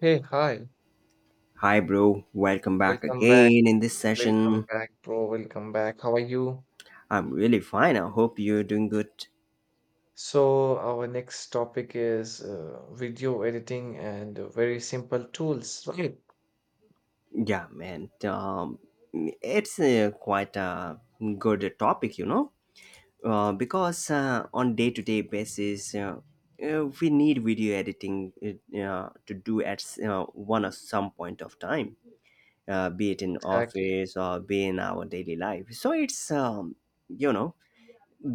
Hey, hi. Hi, bro. Welcome back Welcome back. again in this Welcome session. back, bro. Welcome back. How are you? I'm really fine. I hope you're doing good. So, our next topic is video editing and very simple tools, right? Yeah, man. It's quite a good topic because on day-to-day basis, we need video editing to do at one or some point of time, be it in Exactly. office or be in our daily life. So it's you know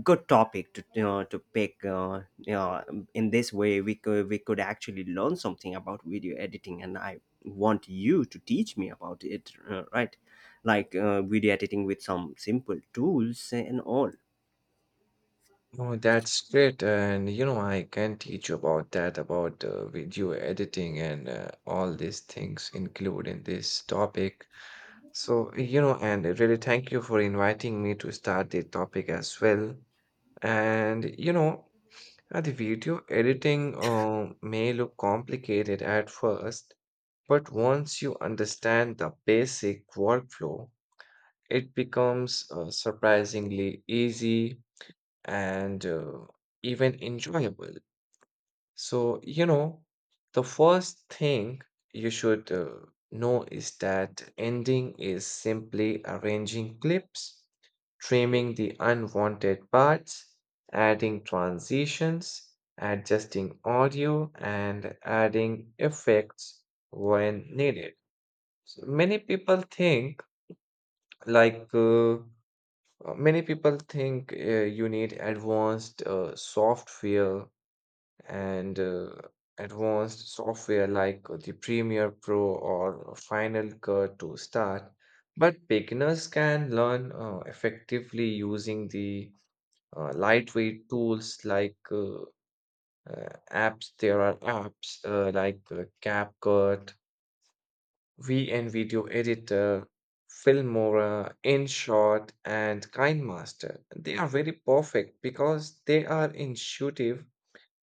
good topic to to pick in this way we could actually learn something about video editing, and I want you to teach me about it, right, like video editing with some simple tools and all. Oh, that's great. And you know, I can teach you about that, about video editing and all these things include in this topic. So, you know, and really thank you for inviting me to start the topic as well. And you know, the video editing may look complicated at first, but once you understand the basic workflow, it becomes surprisingly easy and even enjoyable. So, you know, the first thing you should know is that ending is simply arranging clips, trimming the unwanted parts, adding transitions, adjusting audio, and adding effects when needed. So many people think like uh, uh, many people think you need advanced software and advanced software like the Premiere Pro or Final Cut to start. But beginners can learn effectively using the lightweight tools apps. There are apps like CapCut, VN Video Editor, Filmora, InShot, and KineMaster. They are very perfect because they are intuitive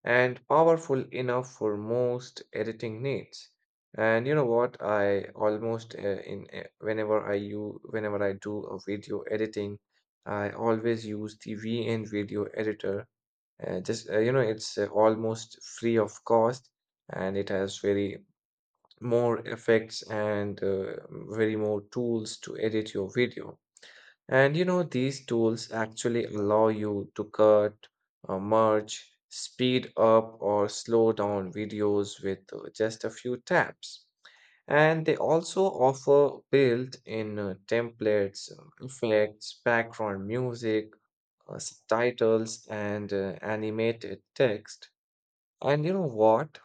and powerful enough for most editing needs. And you know what? I almost in whenever I use Whenever I do a video editing, I always use the VN Video Editor. Just you know, it's almost free of cost, and it has very more effects and very more tools to edit your video. And you know, these tools actually allow you to cut, merge, speed up, or slow down videos with just a few taps. And they also offer built in templates, effects, background music, subtitles, and animated text. And you know what?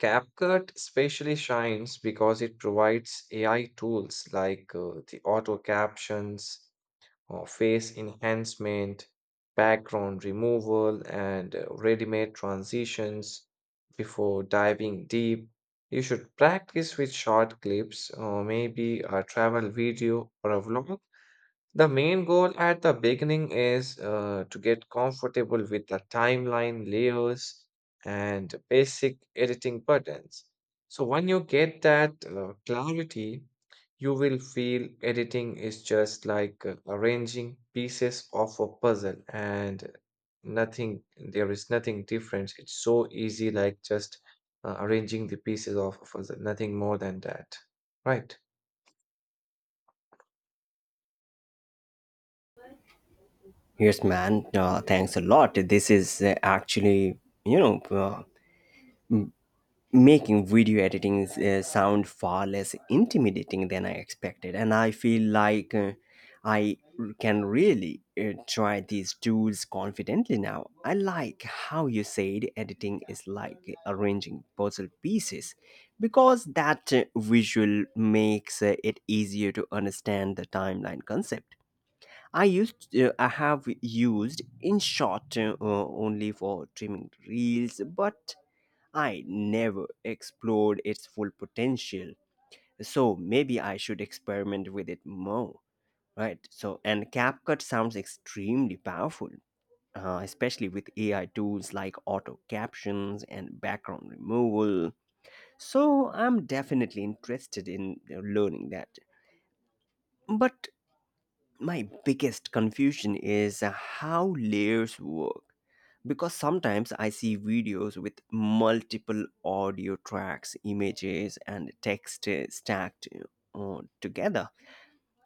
CapCut especially shines because it provides AI tools like the auto captions, face enhancement, background removal, and ready-made transitions before diving deep. You should practice with short clips or maybe a travel video or a vlog. The main goal at the beginning is to get comfortable with the timeline layers and basic editing buttons. So, when you get that clarity, you will feel editing is just like arranging pieces of a puzzle and nothing, there is nothing different. It's so easy, like just arranging the pieces of a puzzle, nothing more than that. Right. Yes, man, thanks a lot. This is actually, you know uh, making video editing sound far less intimidating than I expected, and I feel like uh, I can really try these tools confidently now. I like how you said editing is like arranging puzzle pieces, because that visual makes it easier to understand the timeline concept. I have used InShot only for trimming reels, but I never explored its full potential. So maybe I should experiment with it more, right? So, and CapCut sounds extremely powerful, especially with AI tools like auto captions and background removal. So, I'm definitely interested in learning that. But my biggest confusion is how layers work, because sometimes I see videos with multiple audio tracks, images, and text stacked together.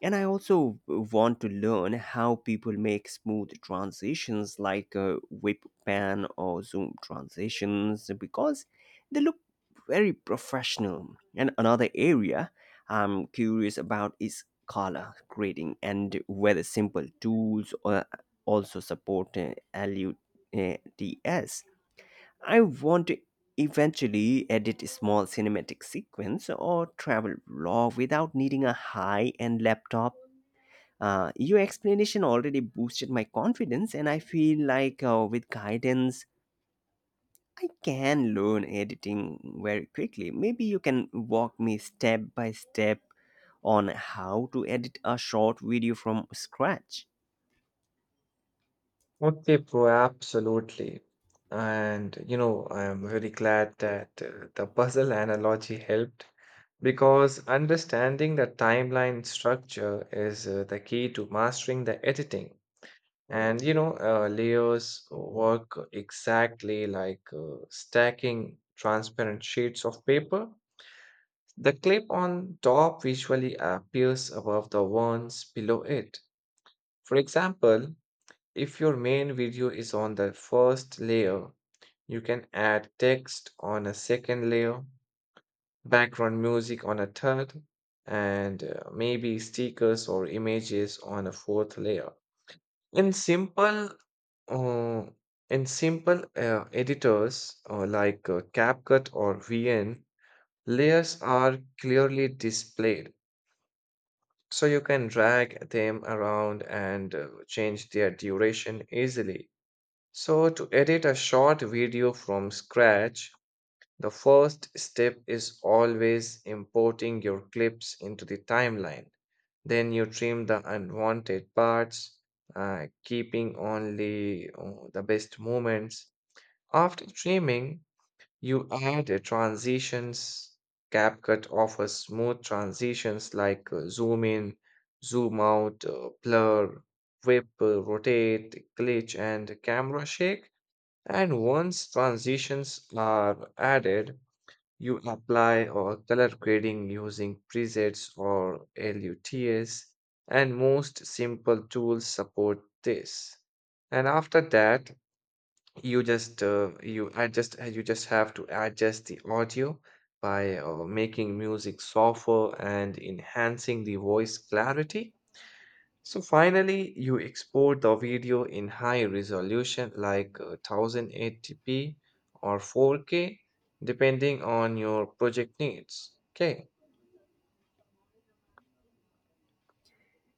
And I also want to learn how people make smooth transitions like whip pan or zoom transitions, because they look very professional. And another area I'm curious about is color grading, and whether simple tools also support LUTs. I want to eventually edit a small cinematic sequence or travel vlog without needing a high-end laptop. Your explanation already boosted my confidence, and I feel like with guidance, I can learn editing very quickly. Maybe you can walk me step by step on how to edit a short video from scratch. Okay, bro, absolutely. And you know, I'm very glad that the puzzle analogy helped because understanding the timeline structure is the key to mastering the editing. And you know, layers work exactly like stacking transparent sheets of paper. The clip on top visually appears above the ones below it. For example, if your main video is on the first layer, you can add text on a second layer, background music on a third, and maybe stickers or images on a fourth layer. In simple, uh, in simple editors like CapCut or VN, layers are clearly displayed, so you can drag them around and change their duration easily. So, to edit a short video from scratch, the first step is always importing your clips into the timeline. Then you trim the unwanted parts, keeping only the best moments. After trimming, you add a transitions. CapCut offers smooth transitions like zoom in, zoom out, blur, whip, rotate, glitch, and camera shake. And once transitions are added, you apply or color grading using presets or LUTs, and most simple tools support this. And after that, you just have to adjust the audio by making music softer and enhancing the voice clarity. So finally, you export the video in high resolution like 1080p or 4K, depending on your project needs. Okay,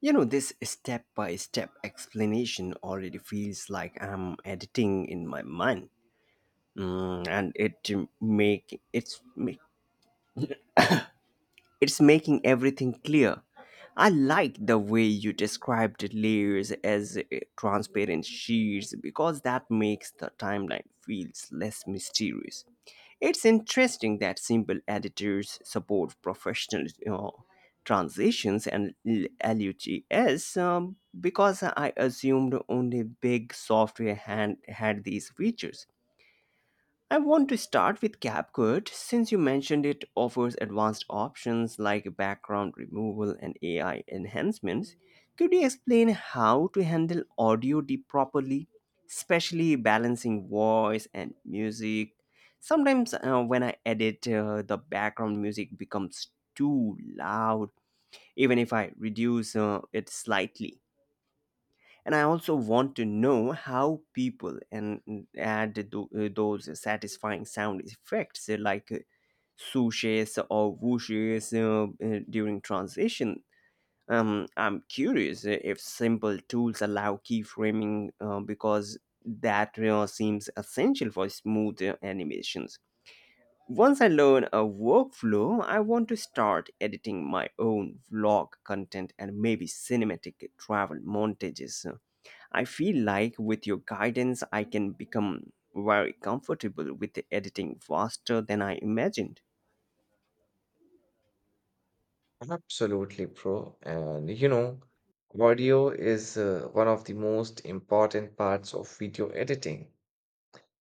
You know, this step by step explanation already feels like I'm editing in my mind. Mm, and it make it's ma- it's making everything clear. I like the way you described layers as transparent sheets, because that makes the timeline feels less mysterious. It's interesting that simple editors support professional transitions and LUTs, because I assumed only big software had these features. I want to start with CapCut since you mentioned it offers advanced options like background removal and AI enhancements. Could you explain how to handle audio deep properly, especially balancing voice and music? Sometimes when I edit, the background music becomes too loud, even if I reduce it slightly. And I also want to know how people and add those satisfying sound effects like swooshes or whooshes during transition. I'm curious if simple tools allow keyframing because that seems essential for smooth animations. Once I learn a workflow, I want to start editing my own vlog content and maybe cinematic travel montages. I feel like with your guidance, I can become very comfortable with editing faster than I imagined. absolutely, bro. And you know, audio is one of the most important parts of video editing,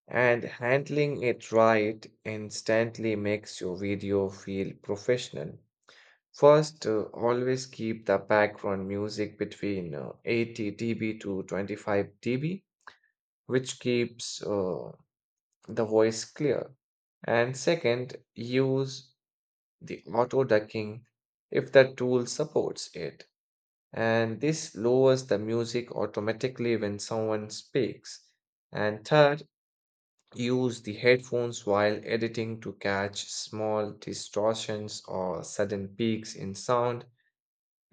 and handling it right instantly makes your video feel professional. First, always keep the background music between 80 dB to 25 dB, which keeps the voice clear. And second, use the auto ducking if the tool supports it. And this lowers the music automatically when someone speaks. And third, use the headphones while editing to catch small distortions or sudden peaks in sound.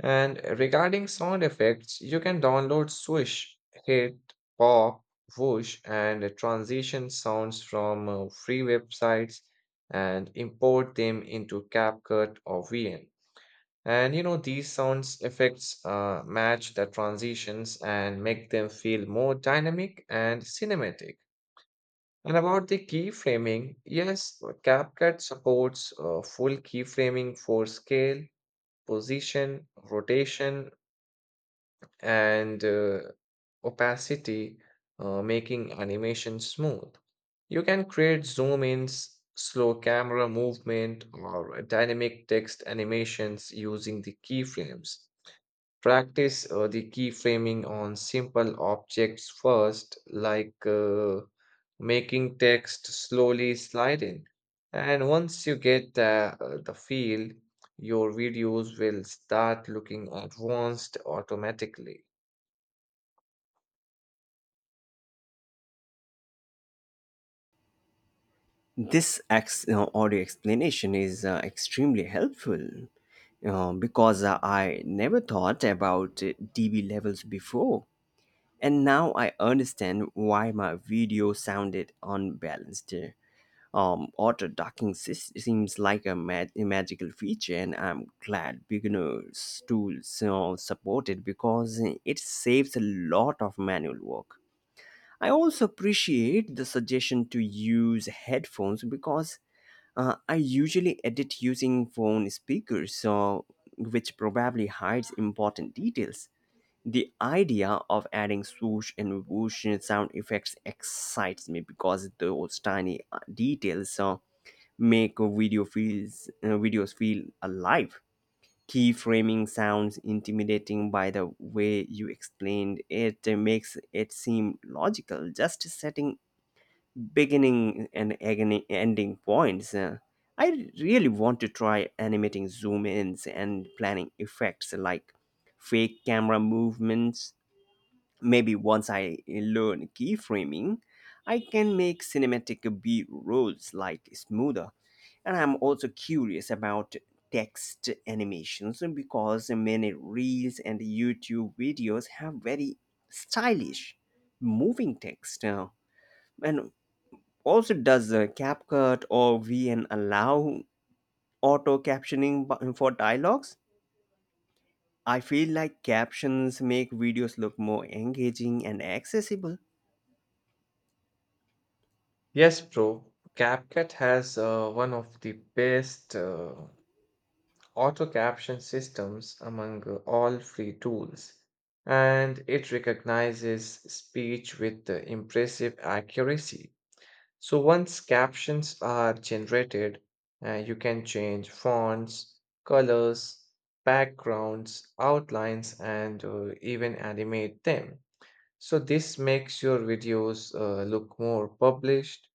And regarding sound effects, you can download swoosh, hit, pop, whoosh, and transition sounds from free websites and import them into CapCut or VN. And you know, these sounds effects match the transitions and make them feel more dynamic and cinematic. And about the keyframing, yes, CapCut supports full keyframing for scale, position, rotation, and opacity, making animation smooth. You can create zoom ins, slow camera movement, or dynamic text animations using the keyframes. Practice the keyframing on simple objects first, like making text slowly slide in. And once you get the feel, your videos will start looking advanced automatically. This audio explanation is extremely helpful because I never thought about DB levels before. And now I understand why my video sounded unbalanced. Auto docking seems like a magical feature, and I'm glad beginners tools support it because it saves a lot of manual work. I also appreciate the suggestion to use headphones, because I usually edit using phone speakers, so which probably hides important details. The idea of adding swoosh and whoosh sound effects excites me because those tiny details make videos feel alive. Keyframing sounds intimidating, by the way you explained it makes it seem logical. Just setting beginning and ending points. I really want to try animating zoom ins and planning effects like fake camera movements. Maybe once I learn keyframing, I can make cinematic B rolls like smoother. And I'm also curious about text animations because many reels and YouTube videos have very stylish moving text. And also, does CapCut or VN allow auto captioning for dialogues? I feel like captions make videos look more engaging and accessible. Yes, bro. CapCut has one of the best auto caption systems among all free tools, and it recognizes speech with impressive accuracy. So once captions are generated, you can change fonts, colors, backgrounds, outlines, and even animate them. So this makes your videos uh, look more published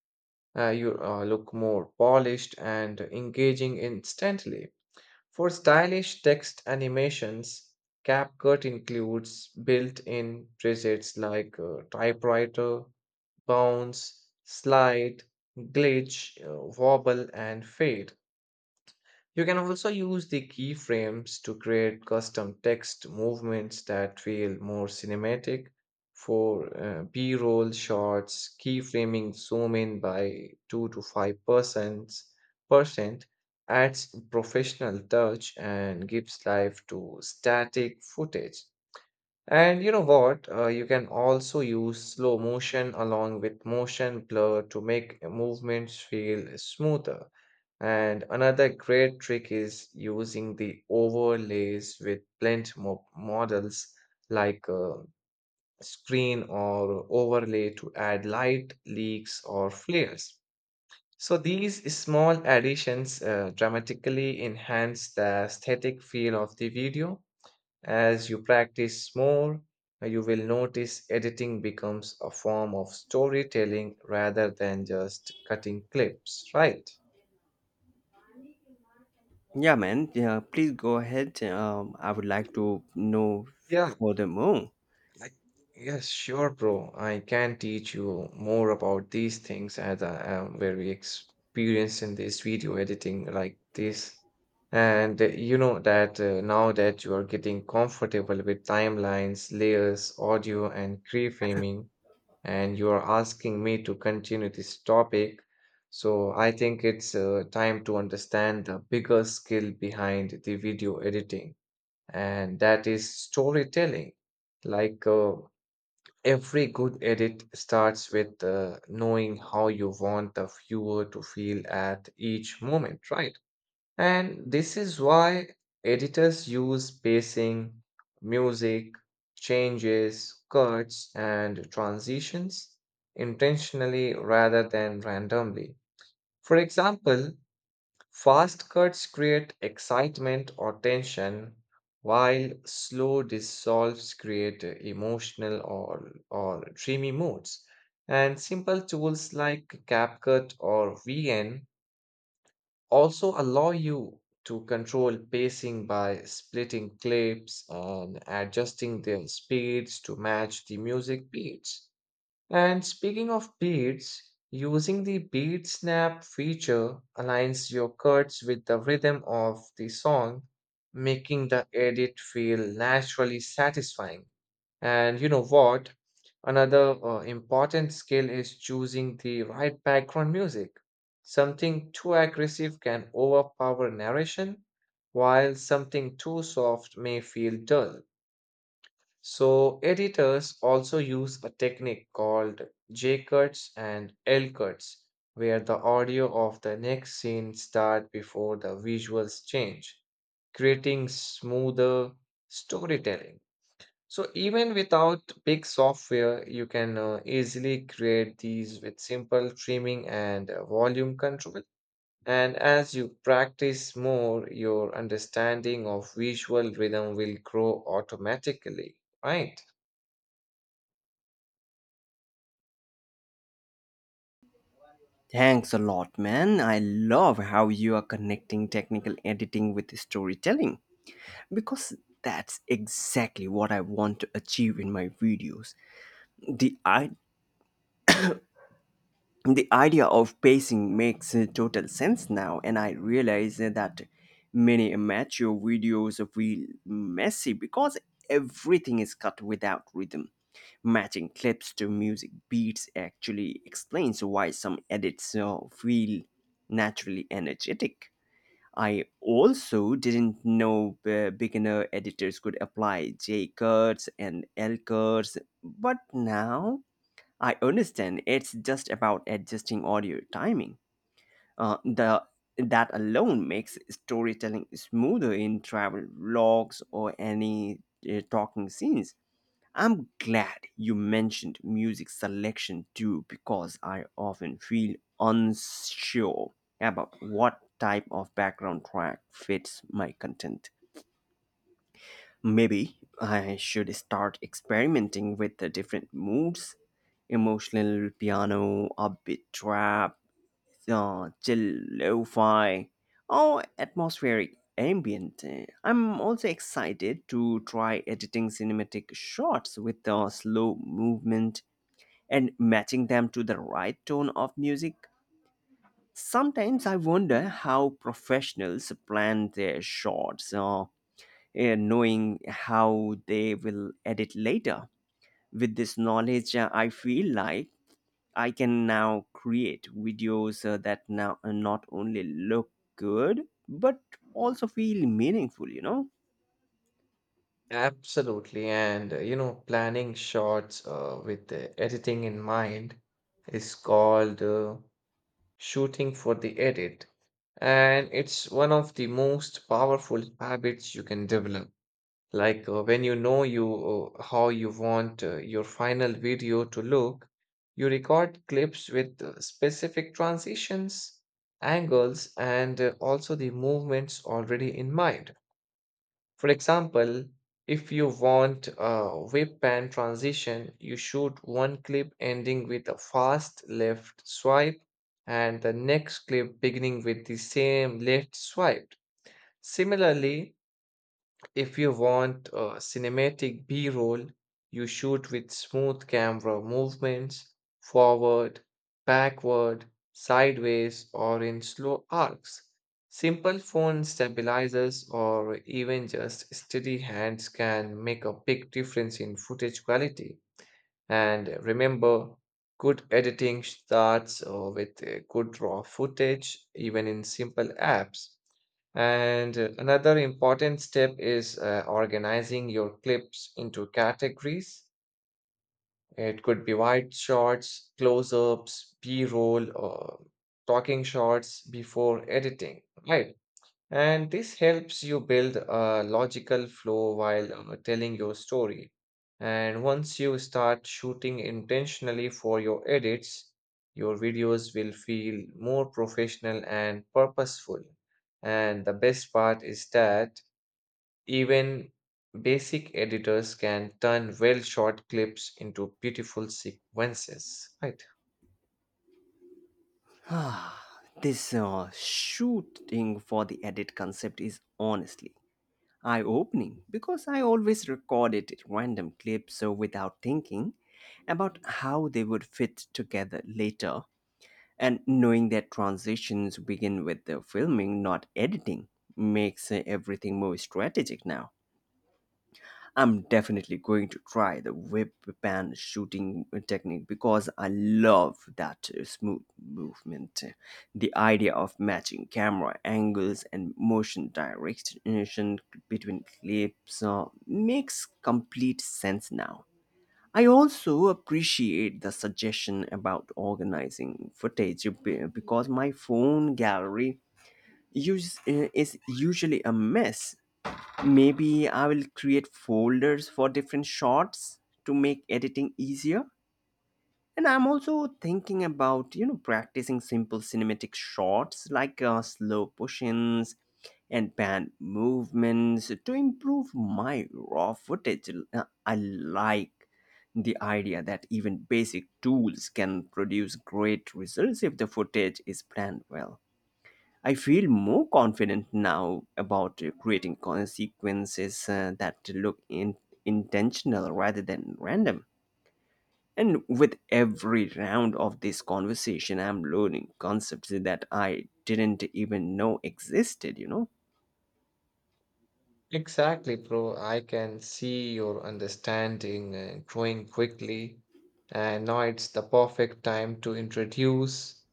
uh, you uh, look more polished and engaging instantly. For stylish text animations, CapCut includes built in presets like typewriter, bounce, slide, glitch, wobble, and fade. You can also use the keyframes to create custom text movements that feel more cinematic. For B-roll shots, keyframing zoom in by 2 to 5% percent adds professional touch and gives life to static footage. And you know what? You can also use slow motion along with motion blur to make movements feel smoother. And another great trick is using the overlays with blend models like screen or overlay to add light, leaks, or flares. So these small additions dramatically enhance the aesthetic feel of the video as you practice more. You will notice editing becomes a form of storytelling rather than just cutting clips, right? Yeah, man. Yeah, please go ahead. I would like to know Yeah, furthermore. I, yes, sure, bro. I can teach you more about these things as I am very experienced in this video editing like this. And you know that now that you are getting comfortable with timelines, layers, audio, and keyframing, and you are asking me to continue this topic. So I think it's time to understand the bigger skill behind the video editing, and that is storytelling. Like every good edit starts with knowing how you want the viewer to feel at each moment, right? And this is why editors use pacing, music, changes, cuts, and transitions intentionally rather than randomly. For example, fast cuts create excitement or tension, while slow dissolves create emotional or dreamy moods. And simple tools like CapCut or VN also allow you to control pacing by splitting clips and adjusting their speeds to match the music beats. And speaking of beats, using the beat snap feature aligns your cuts with the rhythm of the song, making the edit feel naturally satisfying. And you know what? Another important skill is choosing the right background music. Something too aggressive can overpower narration, while something too soft may feel dull. So, editors also use a technique called J cuts and L cuts, where the audio of the next scene start before the visuals change, creating smoother storytelling. So even without big software, you can easily create these with simple trimming and volume control. And as you practice more, your understanding of visual rhythm will grow automatically, right? Thanks a lot, man. I love how you are connecting technical editing with storytelling, because that's exactly what I want to achieve in my videos. The the idea of pacing makes total sense now, and I realize that many amateur videos feel messy because everything is cut without rhythm. Matching clips to music beats actually explains why some edits feel naturally energetic. I also didn't know beginner editors could apply J curves and L curves, but now I understand it's just about adjusting audio timing. The that alone makes storytelling smoother in travel vlogs or any talking scenes. I'm glad you mentioned music selection too, because I often feel unsure about what type of background track fits my content. Maybe I should start experimenting with the different moods: emotional piano, upbeat trap, chill lo fi, or atmospheric ambient. I'm also excited to try editing cinematic shots with the slow movement and matching them to the right tone of music. Sometimes I wonder how professionals plan their shots, knowing how they will edit later. With this knowledge, I feel like I can now create videos that now not only look good but also feel meaningful, you know. Absolutely. And you know, planning shots with the editing in mind is called shooting for the edit. And it's one of the most powerful habits you can develop. Like when you know you how you want your final video to look, you record clips with specific transitions, angles, and also the movements already in mind. For example, if you want a whip pan transition, you shoot one clip ending with a fast left swipe and the next clip beginning with the same left swipe. Similarly, if you want a cinematic B roll, you shoot with smooth camera movements, forward, backward, sideways, or in slow arcs. Simple phone stabilizers or even just steady hands can make a big difference in footage quality. And remember, good editing starts with good raw footage, even in simple apps. And another important step is organizing your clips into categories. It could be wide shots, close ups, B roll, or talking shots before editing, right? And this helps you build a logical flow while telling your story. And once you start shooting intentionally for your edits, your videos will feel more professional and purposeful. And the best part is that even basic editors can turn well shot clips into beautiful sequences, right? This shooting for the edit concept is honestly eye opening, because I always recorded random clips so without thinking about how they would fit together later. And knowing that transitions begin with the filming, not editing, makes everything more strategic now. I'm definitely going to try the whip pan shooting technique because I love that smooth movement. The idea of matching camera angles and motion direction between clips makes complete sense now. I also appreciate the suggestion about organizing footage because my phone gallery is usually a mess. Maybe I will create folders for different shots to make editing easier. And I'm also thinking about, you know, practicing simple cinematic shots like slow push ins and pan movements to improve my raw footage. I like the idea that even basic tools can produce great results if the footage is planned well. I feel more confident now about creating consequences that look intentional rather than random. And with every round of this conversation, I'm learning concepts that I didn't even know existed, you know? Exactly, bro. I can see your understanding growing quickly, and now it's the perfect time to introduce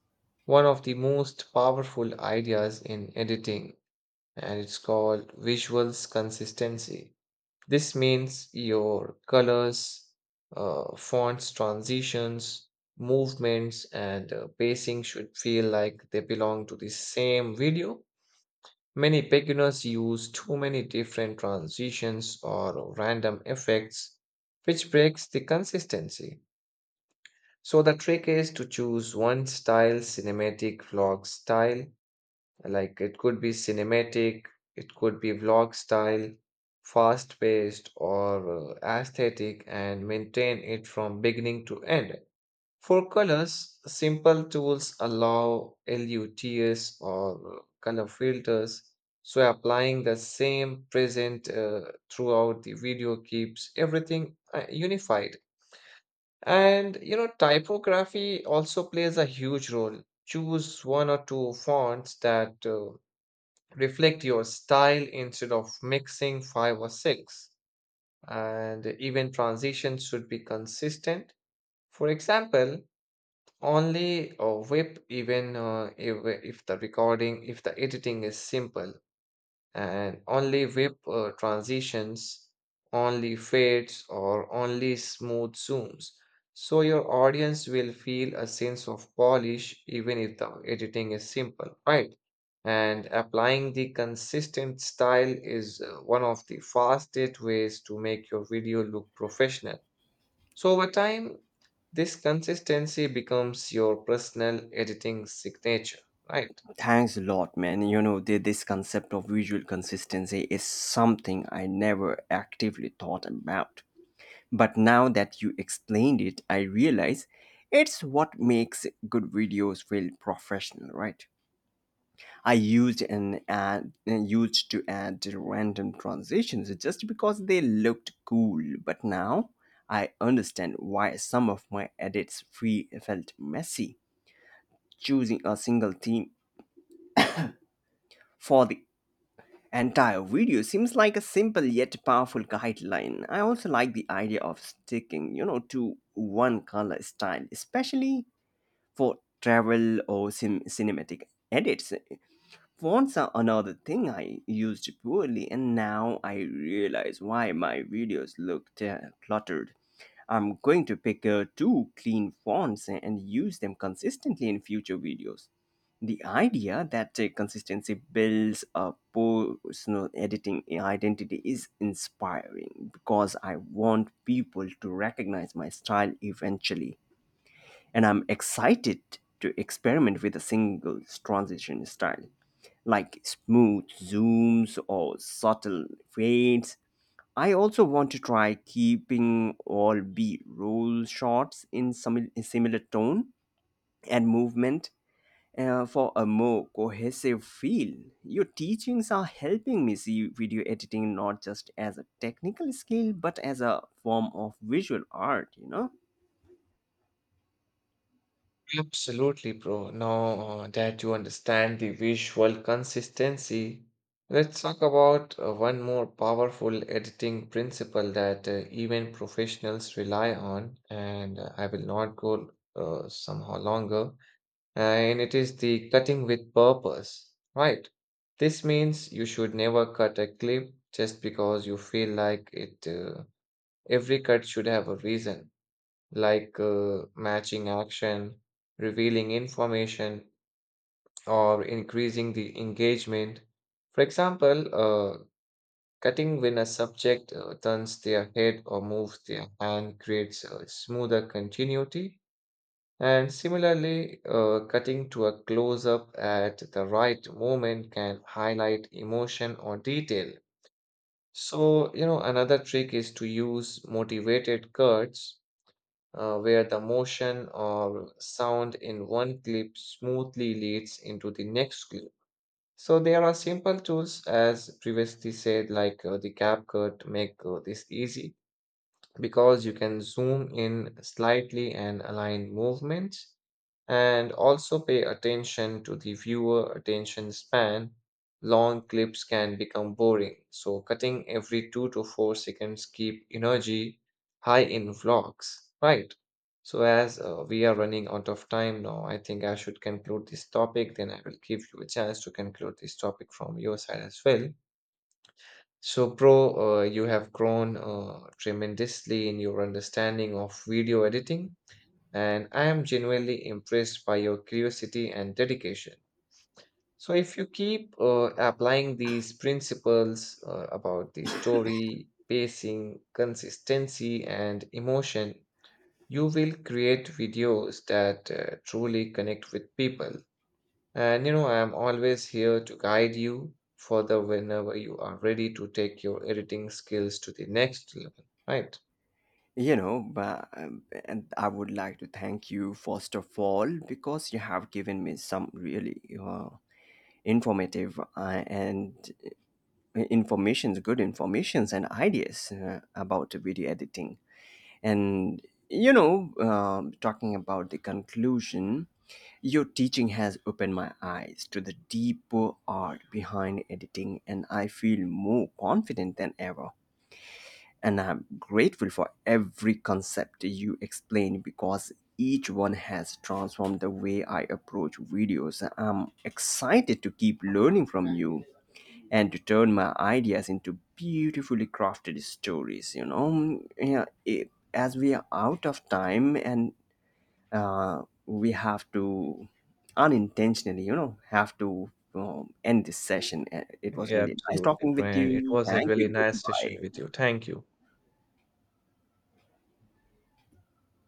one of the most powerful ideas in editing, and it's called visuals consistency. This means your colors, fonts, transitions, movements, and pacing should feel like they belong to the same video. Many beginners use too many different transitions or random effects, which breaks the consistency. So the trick is to choose one style, cinematic vlog style, like it could be cinematic, it could be vlog style, fast-paced or aesthetic, and maintain it from beginning to end. For colors, simple tools allow LUTs or color filters, so applying the same present throughout the video keeps everything unified. And you know, typography also plays a huge role. Choose one or two fonts that reflect your style instead of mixing five or six. And even transitions should be consistent. For example, only whip even if the recording, if the editing is simple, and only whip transitions, only fades, or only smooth zooms. So your audience will feel a sense of polish even if the editing is simple, right? And applying the consistent style is one of the fastest ways to make your video look professional. So over time, this consistency becomes your personal editing signature, right? Thanks a lot, man. You know, this concept of visual consistency is something I never actively thought about. But now that you explained it, I realize it's what makes good videos feel professional, right? I used an ad used to add random transitions just because they looked cool, but now I understand why some of my edits felt messy. Choosing a single theme for the entire video seems like a simple yet powerful guideline. I also like the idea of sticking, you know, to one color style, especially for travel or cinematic edits. Phones are another thing I used poorly, and now I realize why my videos look cluttered. I'm going to pick two clean fonts and use them consistently in future videos. The idea that consistency builds a personal editing identity is inspiring, because I want people to recognize my style eventually, and I'm excited to experiment with a single transition style like smooth zooms or subtle fades. I also want to try keeping all B roll shots in some similar tone and movement for a more cohesive feel. Your teachings are helping me see video editing not just as a technical skill but as a form of visual art, you know. Absolutely, bro. Now that you understand the visual consistency, let's talk about one more powerful editing principle that even professionals rely on, and I will not go somehow longer. And it is the cutting with purpose, right? This means you should never cut a clip just because you feel like it. Every cut should have a reason, like matching action, revealing information, or increasing the engagement. For example, cutting when a subject turns their head or moves their hand creates a smoother continuity, and similarly, cutting to a close up at the right moment can highlight emotion or detail. So, you know, another trick is to use motivated cuts where the motion or sound in one clip smoothly leads into the next clip. So, there are simple tools, as previously said, like the CapCut, make this easy because you can zoom in slightly and align movements, and also pay attention to the viewer attention span. Long clips can become boring, so cutting every 2 to 4 seconds keep energy high in vlogs, right? So as we are running out of time now, I think I should conclude this topic. Then I will give you a chance to conclude this topic from your side as well. So, Pro, you have grown tremendously in your understanding of video editing, and I am genuinely impressed by your curiosity and dedication. So, if you keep applying these principles about the story, pacing, consistency, and emotion, you will create videos that truly connect with people. And you know, I'm always here to guide you further whenever you are ready to take your editing skills to the next level, right? You know, but and I would like to thank you first of all, because you have given me some really informative and informations, good informations and ideas about video editing. And you know, talking about the conclusion, your teaching has opened my eyes to the deeper art behind editing, and I feel more confident than ever, and I'm grateful for every concept you explain, because each one has transformed the way I approach videos. I'm excited to keep learning from you and to turn my ideas into beautifully crafted stories. You know, yeah, as we are out of time and we have to unintentionally, you know, have to end this session. It was Yeah, really nice absolutely, talking with Brian. It you. was a Thank you. really nice session with Goodbye. you. Thank you.